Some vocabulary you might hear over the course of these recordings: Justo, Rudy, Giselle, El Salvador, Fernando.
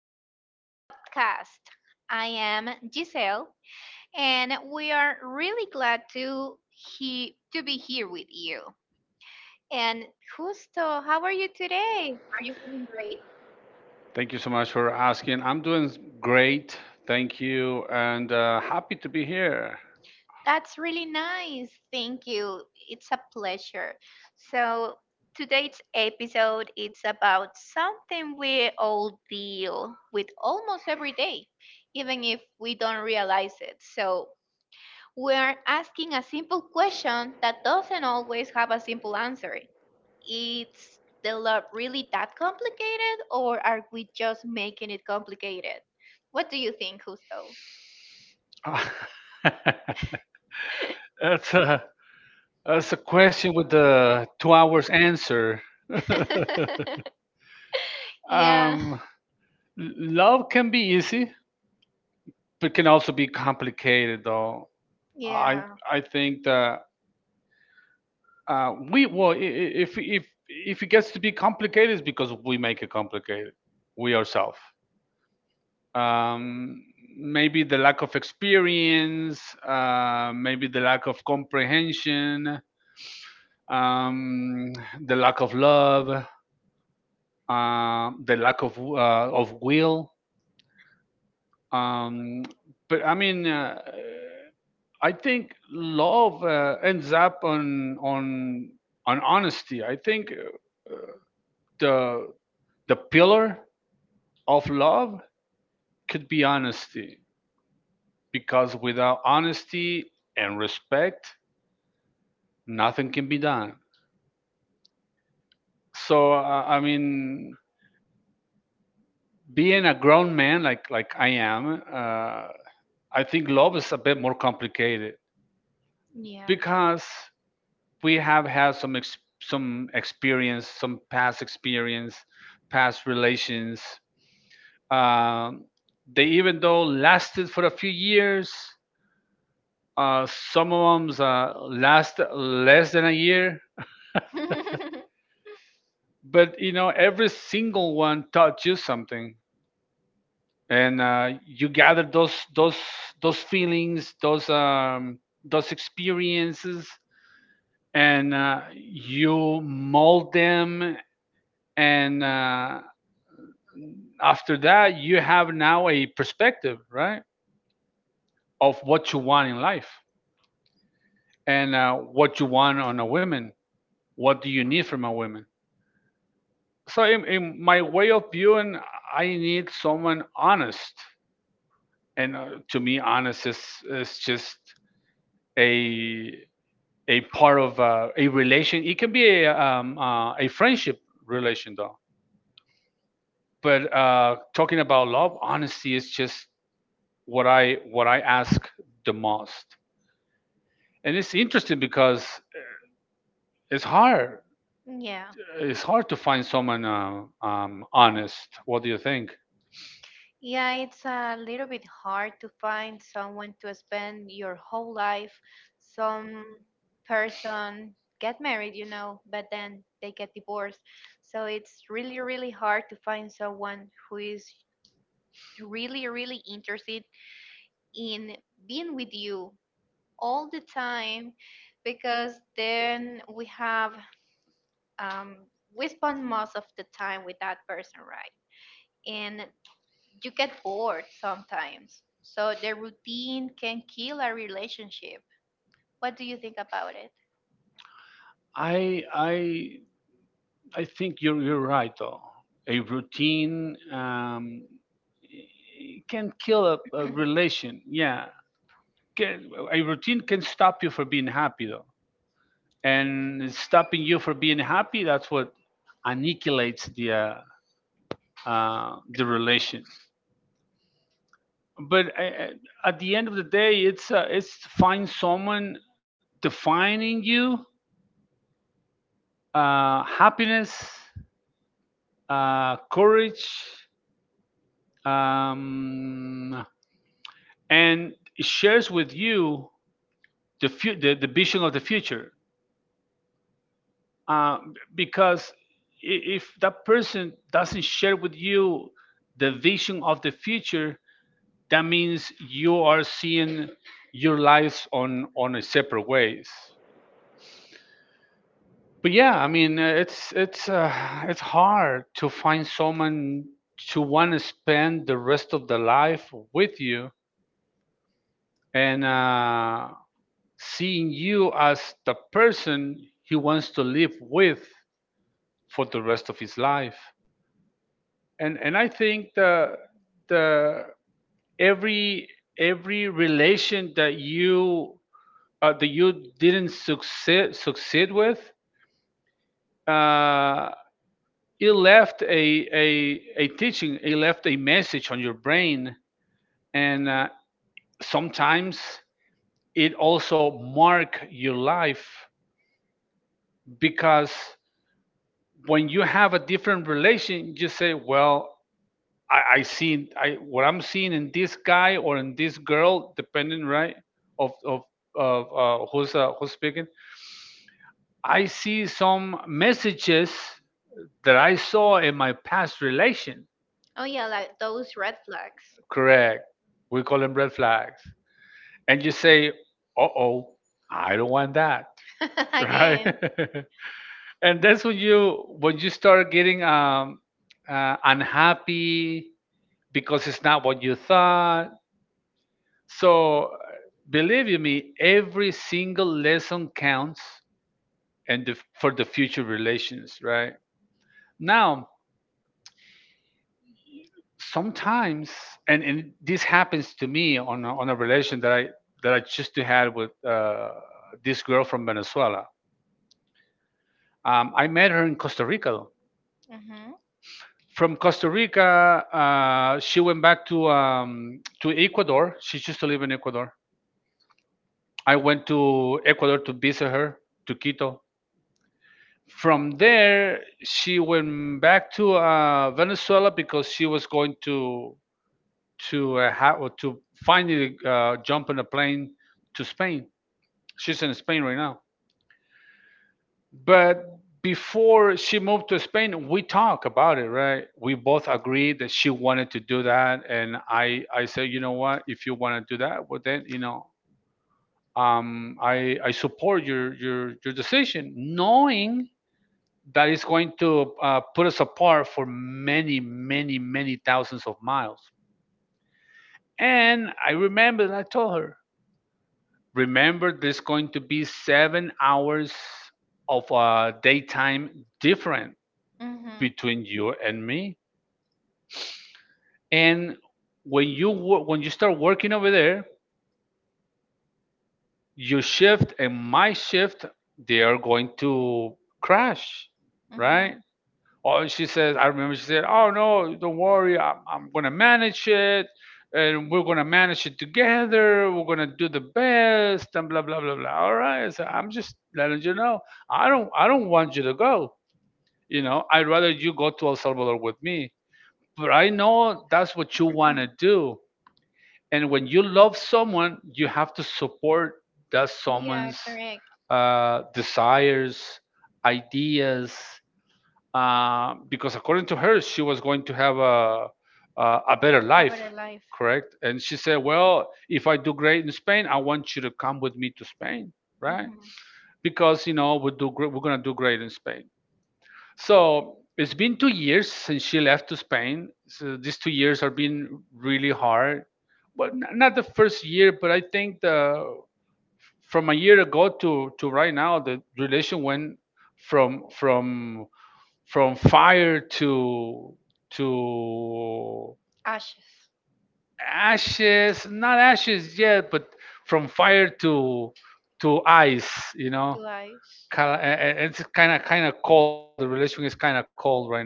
to our podcast. I am Giselle, and we are really glad to he to be here with you. And Justo, how are you today? Are you feeling great? Thank you so much for asking. I'm doing great. Thank you. And happy to be here. That's really nice. Thank you. It's a pleasure. So today's episode it's about something we all deal with almost every day, even if we don't realize it. So we are asking a simple question that doesn't always have a simple answer. Is the love really that complicated, or are we just making it complicated? What do you think, Justo? Ah, that's, that's a question with the 2 hours answer. Yeah, um, love can be easy, but can also be complicated, though. I, yeah, I think that we, well, if it gets to be complicated, it's because we make it complicated, we ourselves. um, Maybe the lack of experience, maybe the lack of comprehension, um, the lack of love, the lack of will. Um, but I mean, I think love ends up on on honesty. I think the pillar of love could be honesty, because without honesty and respect, nothing can be done. So I mean, being a grown man like I am, I think love is a bit more complicated yeah. because we have had some experience, some past experience, past relations. um, they, even though, lasted for a few years. uh, some of them, last less than a year, but you know, every single one taught you something, and you gather those feelings, those, those experiences, and you mold them, and after that, you have now a perspective, right, of what you want in life and what you want on a woman. What do you need from a woman? So, in my way of viewing, I need someone honest, and to me, honest is just a a part of a relation. It can be a friendship relation though. But talking about love, honesty is just what I ask the most. And it's interesting because it's hard. Yeah, It's hard to find someone honest. What do you think? yeah, it's a little bit hard to spend your whole life. Some person get married, but then they get divorced. So it's really, really hard to find someone who is really, really interested in being with you all the time because then we have um, we spend most of the time with that person, right? And you get bored sometimes. So the routine can kill a relationship. What do you think about it? I I I think you're right though. A routine, it can kill a relation. Yeah, can, a routine can stop you from being happy though, and stopping you from being happy, that's what annihilates the relation. But at the end of the day, it's to find someone defining you happiness, courage, um, and shares with you the vision of the future. uh, because if that person doesn't share with you the vision of the future, that means you are seeing your lives on a separate ways. But yeah, I mean, it's hard to find someone to want to spend the rest of the life with you, and seeing you as the person he wants to live with for the rest of his life. And I think the the every relation that you uh, that you didn't succeed with, uh, it left a teaching, it left a message on your brain, and sometimes it also mark your life, because when you have a different relation, you say, well, I see I what I'm seeing in this guy or in this girl, depending, right, of who's who's speaking. I see some messages that I saw in my past relation. Oh yeah, like those red flags. Correct. We call them red flags, and you say, "Uh oh, I don't want that," right? Again. And that's when you, start getting unhappy, because it's not what you thought. So believe you me, every single lesson counts, and for the future relations, right? Now, sometimes, and this happens to me on on a relation that I just to had with this girl from Venezuela. I met her in Costa Rica. Mm-hmm. From Costa Rica, she went back to Ecuador. She used to live in Ecuador. I went to Ecuador to visit her, to Quito. From there, she went back to Venezuela, because she was going to ha- or to finally jump on a plane to Spain. She's in Spain right now. But before she moved to Spain, we talked about it, right? We both agreed that she wanted to do that, and I said, you know what, if you want to do that, well then, you know, I support your decision, knowing that is going to put us apart for many, many, many thousands of miles. And I remember that I told her, remember there's going to be 7 hours of daytime different Mm-hmm. between you and me. And when when you start working over there, your shift and my shift, they are going to crash, right? Mm-hmm. Oh, she says, I remember she said, oh, no, don't worry. I'm going to manage it. And we're going to manage it together. We're going to do the best, and blah, blah, blah, blah. All right. I said, I'm just letting you know. I don't want you to go. You know, I'd rather you go to El Salvador with me. But I know that's what you want to do. And when you love someone, you have to support that Yeah, someone's correct. Desires, ideas, because according to her, she was going to have a better A life, better life. correct? And she said, "Well, if I do great in Spain, I want you to come with me to Spain, right? Mm-hmm. Because you know we're gonna do great in Spain." So it's been 2 years since she left to Spain. So these 2 years have been really hard. Well, not the first year, but I think the from a year ago to right now, the relation went from from fire to to Ashes ashes. Not ashes yet, but from fire to ice, you know. to eyes. It's kind of cold. The relation is kind of cold right now,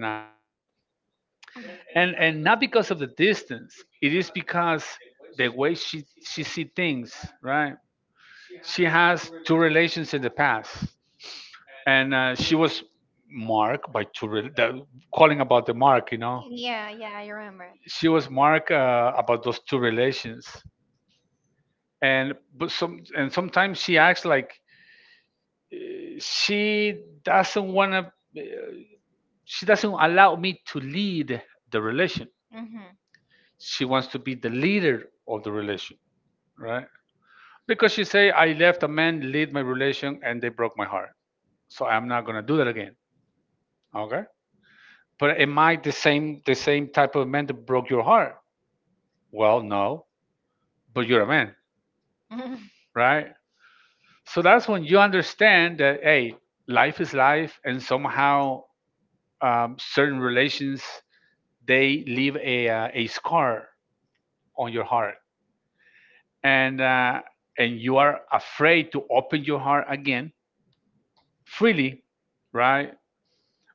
Mhm. And not because of the distance. It is because the way she see things, right? She has two relations in the past, and she was marked by calling about the mark, you know, Yeah, yeah, I remember. she was marked about those two relations. And but Some and sometimes she acts like she doesn't want to she doesn't allow me to lead the relation. Mm-hmm. She wants to be the leader of the relation, right? Because she say, I left a man lead my relation and they broke my heart, so I'm not going to do that again. Okay, but am I the same type of man that broke your heart? Well, no, but you're a man, right? So that's when you understand that, hey, life is life, and somehow, certain relations, they leave a scar on your heart, and uh, and you are afraid to open your heart again freely, right?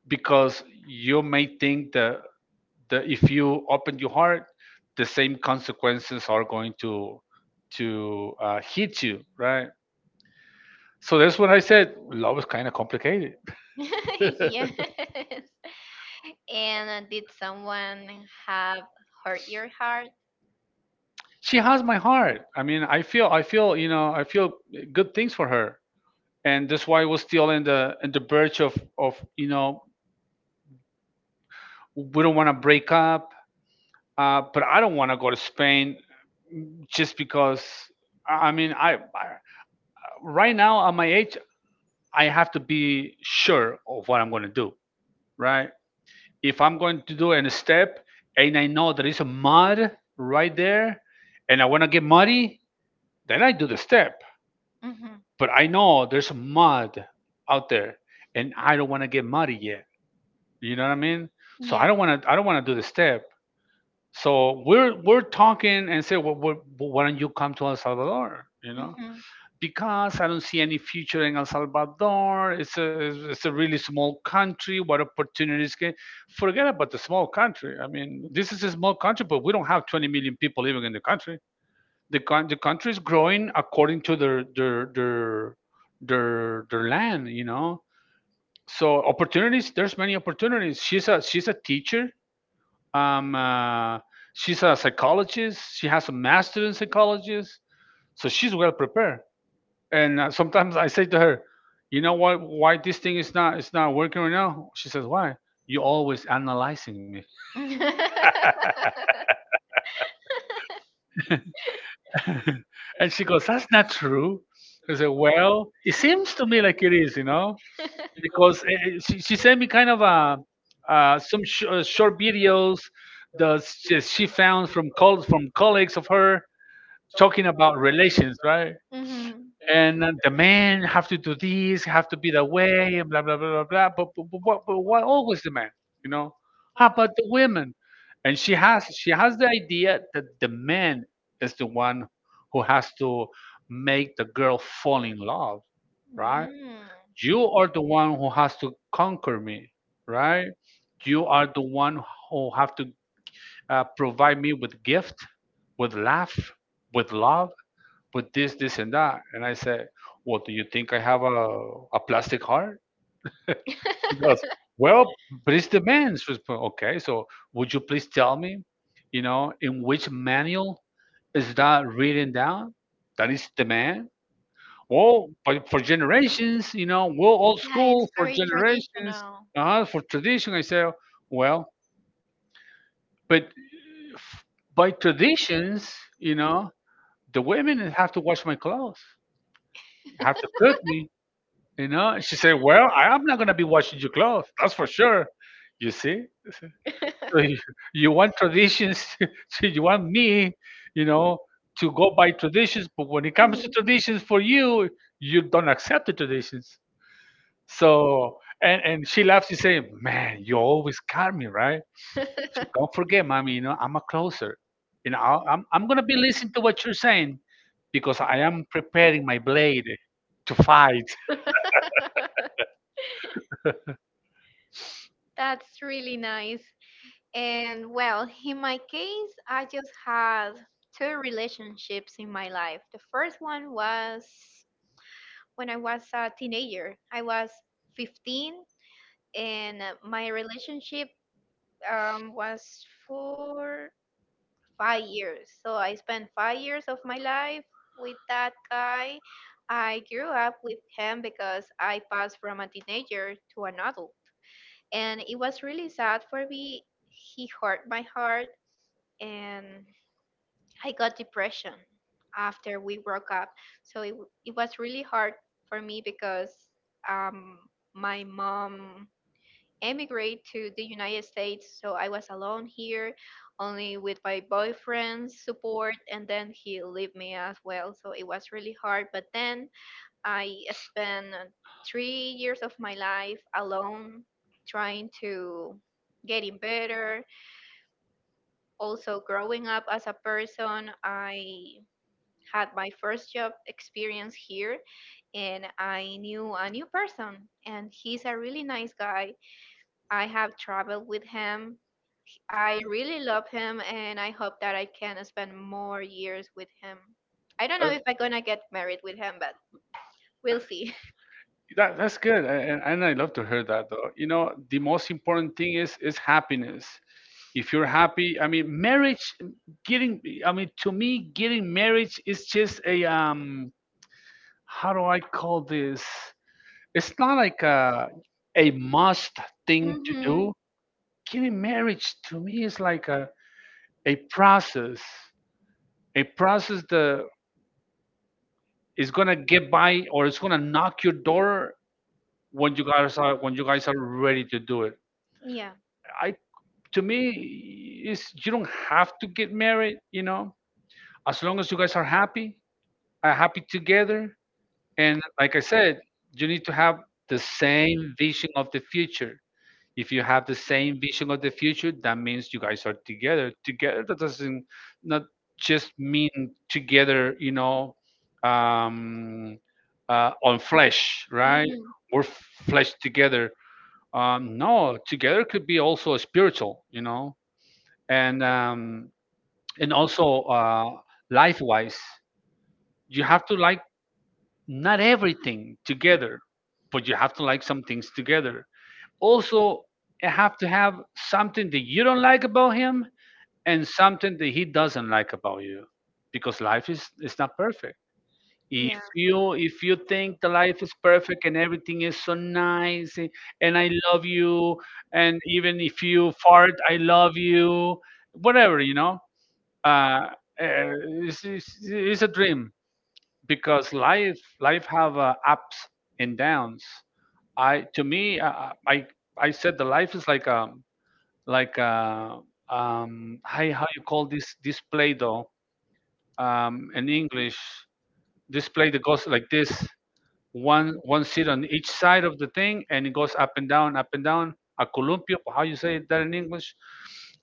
Because you may think that if you open your heart, the same consequences are going to hit you, right? So that's what I said. Love is kind of complicated. Yes. And did someone have hurt your heart? She has my heart. I mean, you know, I feel good things for her, and that's why we're still in the birch of you know, we don't want to break up, but I don't want to go to Spain just because. I mean, I right now at my age, I have to be sure of what I'm going to do, right? If I'm going to do a step and I know there is a mud right there, and I want to get muddy, then I do the step. Mm-hmm. But I know there's mud out there, and I don't want to get muddy yet. You know what I mean? So Yeah. I don't want to do the step. So we're talking and say, well, well, why don't you come to El Salvador? You know, Mm-hmm. because I don't see any future in El Salvador. It's a really small country. What opportunities can? Forget about the small country. I mean, this is a small country, but we don't have 20 million people living in the country. The country is growing according to their their land, you know, so opportunities, there's many opportunities. She's a teacher, um uh, she's a psychologist, she has a master in psychologist, so she's well prepared, and sometimes I say to her, you know what, why this thing is not it's not working right now? She says, why you always analyzing me? And she goes, that's not true. I said, well, it seems to me like it is, you know, because she sent me kind of a, some short videos that she found from, from colleagues of her talking about relations, right? And the man have to do this, have to be that way, and blah blah blah blah blah. But why always the man? You know, how about the women? And she has the idea that the man is the one who has to make the girl fall in love, right? Mm-hmm. You are the one who has to conquer me, right? You are the one who have to provide me with gift, with laugh, with love, with this, this, and that. And I said, well, do you think I have a plastic heart? She goes, well, but it's the man's responsibility. Okay, so would you please tell me, you know, in which manual is that written down? That is the man? Well, but for generations, you know, we're old Yeah, it's school for very generations, traditional. For tradition. I say, well, but f- by traditions, you know, the women have to wash my clothes, have to cook me. You know, she said, "Well, I am not gonna be washing your clothes. That's for sure." You see, so so you want traditions, so you want me, you know, to go by traditions. But when it comes to traditions for you, you don't accept the traditions. So, and she laughs. She saying, "Man, you always got me right. She, don't forget, mommy. You know, I'm a closer. You know, I'm gonna be listening to what you're saying because I am preparing my blade to fight." That's really nice. And well, in my case, I just had two relationships in my life. The first one was when I was a teenager. I was 15, and my relationship was for 5 years. So I spent 5 years of my life with that guy. I grew up with him because I passed from a teenager to an adult, and it was really sad for me. He hurt my heart, and I got depression after we broke up. So it was really hard for me because um my mom emigrated to the United States, so I was alone here, only with my boyfriend's support, and then he left me as well. So it was really hard. But then I spent 3 years of my life alone, trying to getting better. Also, growing up as a person, I had my first job experience here, and I knew a new person, and he's a really nice guy. I have traveled with him. I really love him, and I hope that I can spend more years with him. I don't Uh, know if I'm gonna get married with him, but we'll see. that's good, and I love to hear that though. You know, the most important thing is happiness. If you're happy, I mean, marriage, getting, I mean, to me, getting marriage is just a how do I call this? It's not like a must thing to Hmm. do. Getting marriage to me is like a process, a process that is gonna get by or it's gonna knock your door when you guys are when you guys are ready to do it. Yeah. I to me is you don't have to get married, you know, as long as you guys are happy together and like I said, you need to have the same vision of the future. If you have the same vision of the future, that means you guys are together together. That doesn't not just mean together, you know, um on flesh, right? We're flesh together. No, together could be also spiritual, you know. And and also life wise, you have to, like, not everything together, but you have to, like, some things together. Also, you have to have something that you don't like about him and something that he doesn't like about you, because life is not perfect. If Yeah. you, if you think the life is perfect and everything is so nice, and I love you, and even if you fart I love you, whatever, you know. uh, uh, it's a dream, because life have ups and downs. I to me, I said the life is like a like a how you call this, this play doh, in english, this play that goes like this, one seat on each side of the thing and it goes up and down, up and down, a columpio, how you say that in english?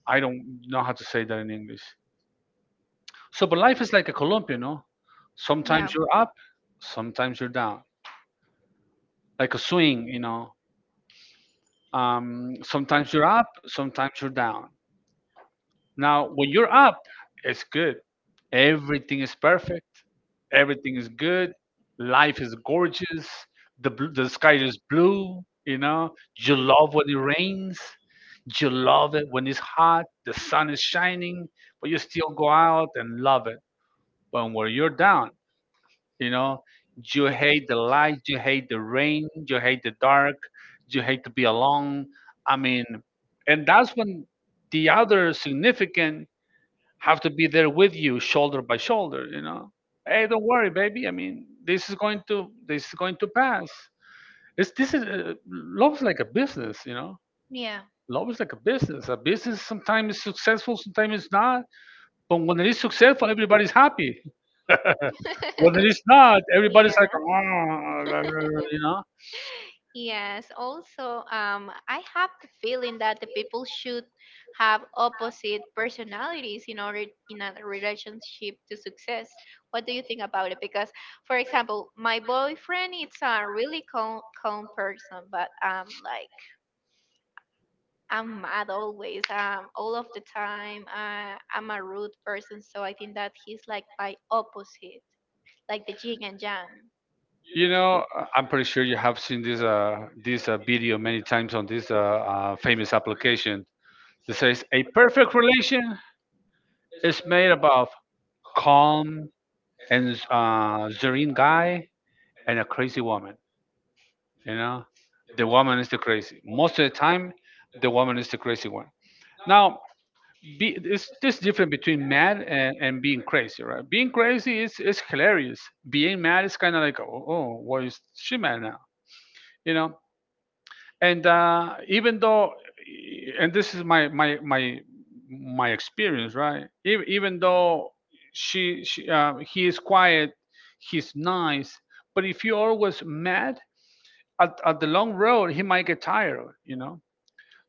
I don't know how to say that in english. So, but life is like a column, you know. Yeah. Sometimes you're up, sometimes you're down, like a swing, you know. Sometimes you're up, sometimes you're down. Now, when you're up, it's good. Everything is perfect. Everything is good. Life is gorgeous. The sky is blue. You know, you love when it rains. You love it when it's hot. The sun is shining, but you still go out and love it. But when you're down, you know, you hate the light, you hate the rain, you hate the dark, you hate to be alone. I mean, and that's when the other significant have to be there with you, shoulder by shoulder. You know, hey, don't worry, baby. I mean, this is going to pass. It's this is love's like a business. You know, Yeah. love is like a business. A business sometimes is successful, sometimes it's not. But when it is successful, everybody's happy. Well, it is not. Everybody's like, Yeah. "Ah," you know. Yes. Also, I have the feeling that the people should have opposite personalities in order in a relationship to success. What do you think about it? Because, for example, my boyfriend is a really calm person, but like I'm mad always, all of the time. I'm a rude person, so I think that he's like by opposite, like the yin and yang. You know, I'm pretty sure you have seen this this video many times on this famous application that says a perfect relation is made above calm and serene guy and a crazy woman. You know, the woman is the crazy. Most of the time, the woman is the crazy one. Now, be, it's this difference between mad and being crazy, right? Being crazy is hilarious. Being mad is kind of like, oh, oh, why is she mad now? You know. And even though, and this is my experience, right? Even though she he is quiet, he's nice, but if you're always mad at the long road, he might get tired, you know.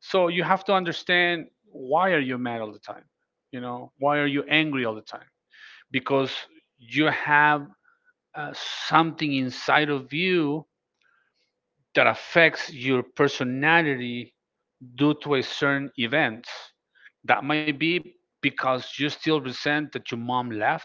So you have to understand, why are you mad all the time? You know, why are you angry all the time? Because you have something inside of you that affects your personality due to a certain event that might be because you still resent that your mom left,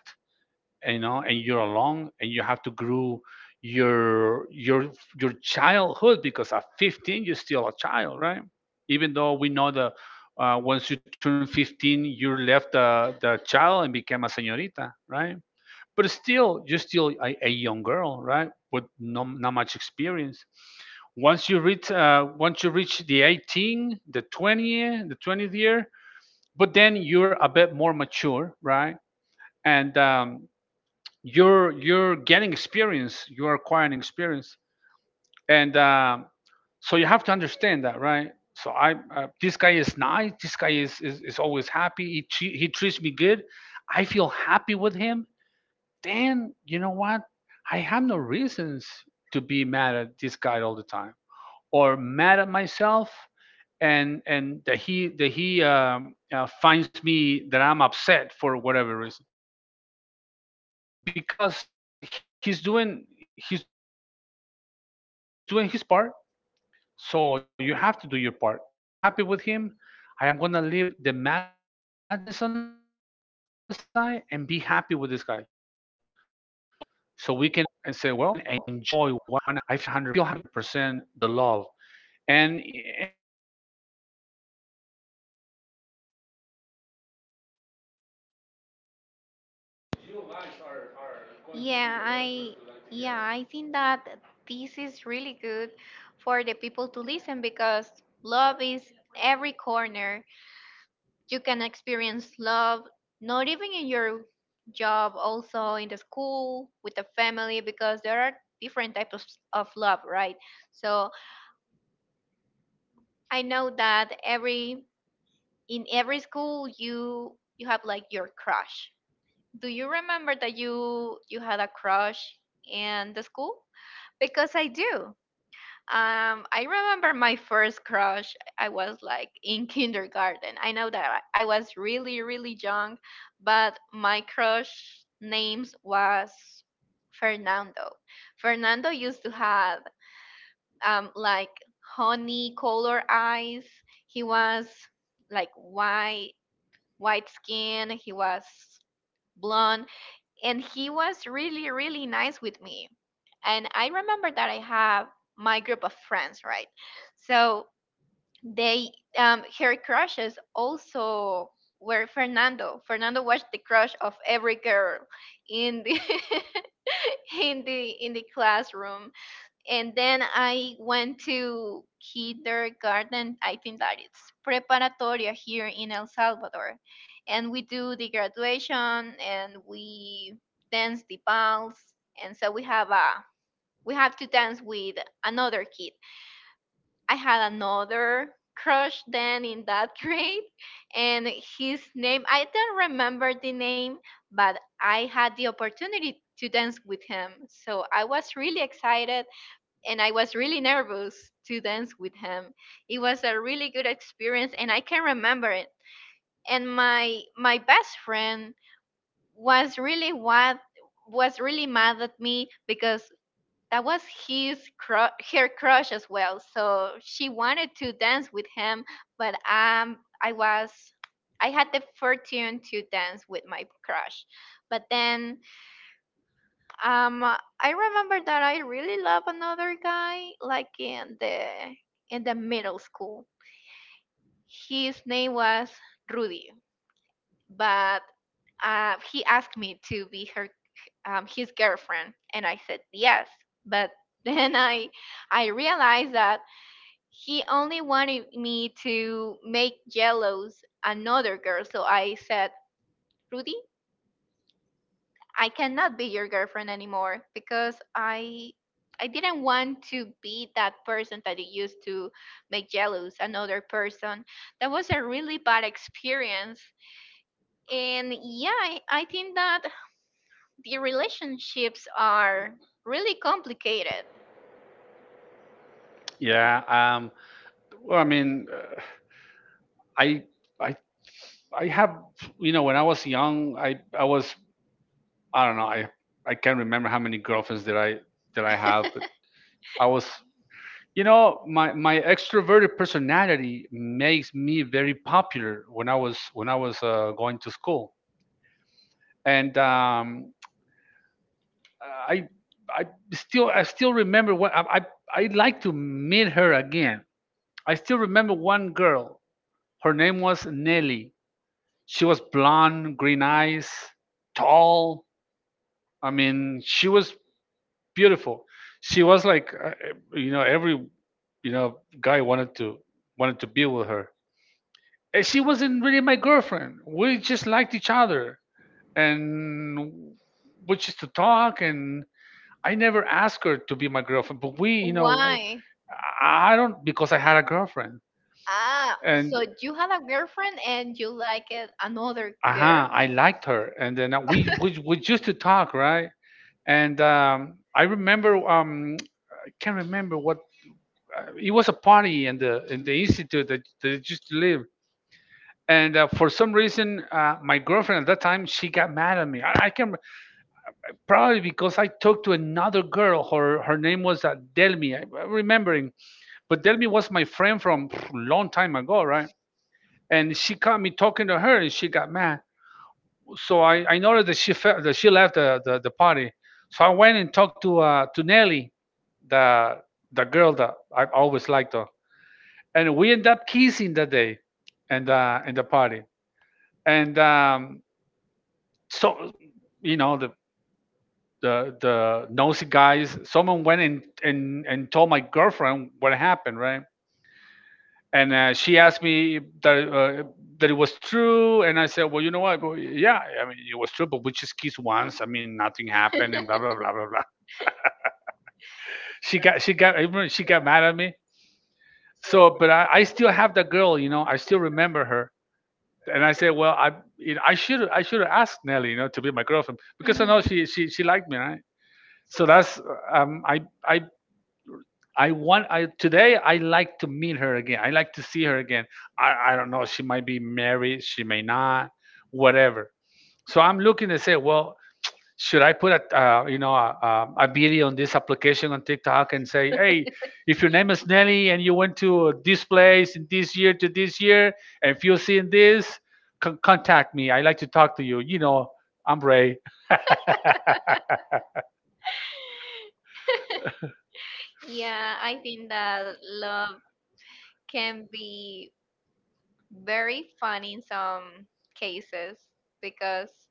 and, you know, and you're alone and you have to grow your childhood because at 15 you're still a child, right? Even though we know that once you turn 15 you left the child and became a señorita, right? But still you're still a young girl, right? With no, not much experience. Once you reach once you reach the 18, the 20, the 20th year, but then you're a bit more mature, right? And you're getting experience, you are acquiring experience. And so you have to understand that, right? So I, this guy is nice, this guy is always happy, he, he treats me good, I feel happy with him. Then, you know what, I have no reasons to be mad at this guy all the time, or mad at myself and that he finds me that I'm upset for whatever reason. So because he's doing, he's doing his part, so you have to do your part and say, well, I feel happy with him. I am gonna leave the madness on the side and be happy with this guy, so we can enjoy 100% the love. And in 5 days, and 10 days, and a year, and 2 years, you decide, you guys decide to get married. You guys decided to get married because you guys wanna. It's not because you wanna be the rest of your life together. It's because you guys are going to Yeah, be the the I rest of your life yeah, together. I think that this is really good for the people to listen because love is every corner. You can experience love not even in your job, also in the school with the family because there are different types of love, right? So, I know that every school you have like your crush. Do you remember that you had a crush in the school? Because I do. I remember my first crush. I was like in kindergarten. I know that I was really, really young, but my crush names was Fernando. Fernando used to have like honey color eyes. He was like white skin. He was blonde and he was really, really nice with me, and I remember that I have my group of friends, right? So they her crushes also were Fernando. Fernando was the crush of every girl in the in the classroom. And then I went to kindergarten. I think that it's preparatoria here in El Salvador, and we do the graduation and we dance the vals, and so we have a we have to dance with another kid. I had another crush then in that grade, and his name I don't remember the name, but I had the opportunity to dance with him, so I was really excited and I was really nervous to dance with him. It was a really good experience and I can remember it. And my best friend was really what was really mad at me because that was her crush as well. So she wanted to dance with him, but I was I had the fortune to dance with my crush. But then I remember that I really love another guy, like in the middle school. His name was Rudy, but he asked me to be her his girlfriend, and I said yes. But then I realized that he only wanted me to make jealous another girl, so I said, Rudy, I cannot be your girlfriend anymore because I didn't want to be that person that it used to make jealous another person. That was a really bad experience. And yeah, I think that the relationships are really complicated. Why? Ah, so you had a girlfriend and you like it another girl? Mhm. Yeah, I think that love can be very fun in some cases because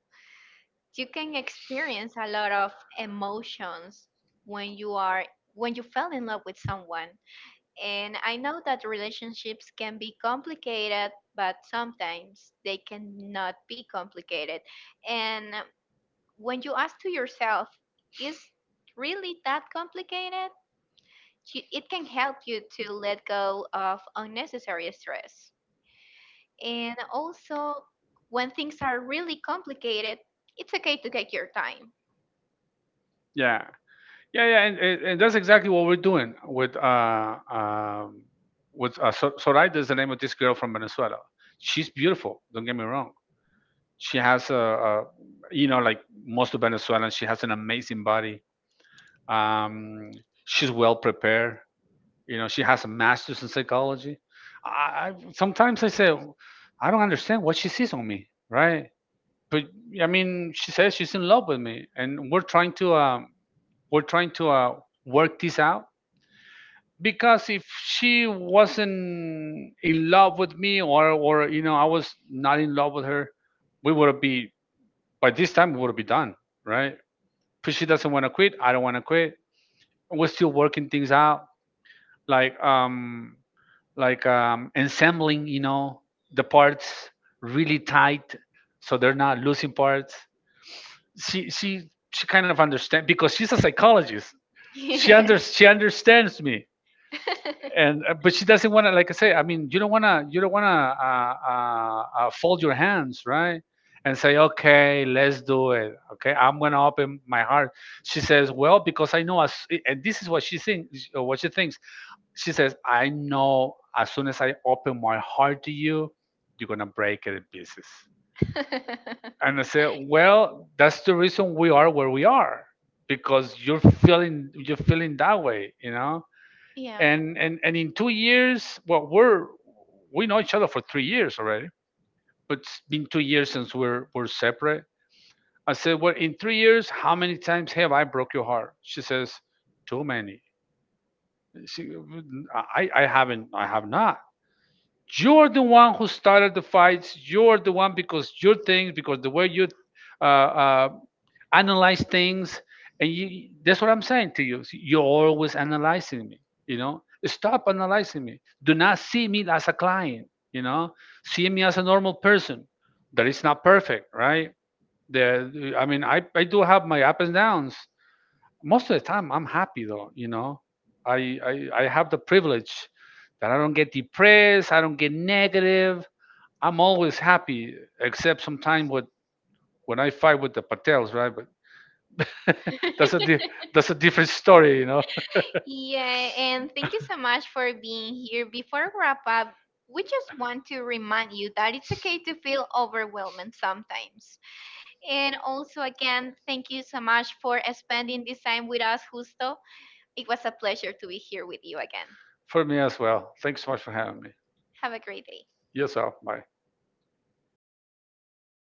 you can experience a lot of emotions when you are when you fell in love with someone, and I know that relationships can be complicated but sometimes they cannot be complicated and when you ask to yourself is really that complicated, you- it can help you to let go of unnecessary stress. And also, when things are really complicated, it's okay to take your time. Yeah. Yeah. Yeah, and thank you so much for being here. Before we wrap up, we just want to remind you that it's okay to feel overwhelmed sometimes. And also, again, thank you so much for spending this time with us, Justo. It was a pleasure to be here with you again. Have a great day.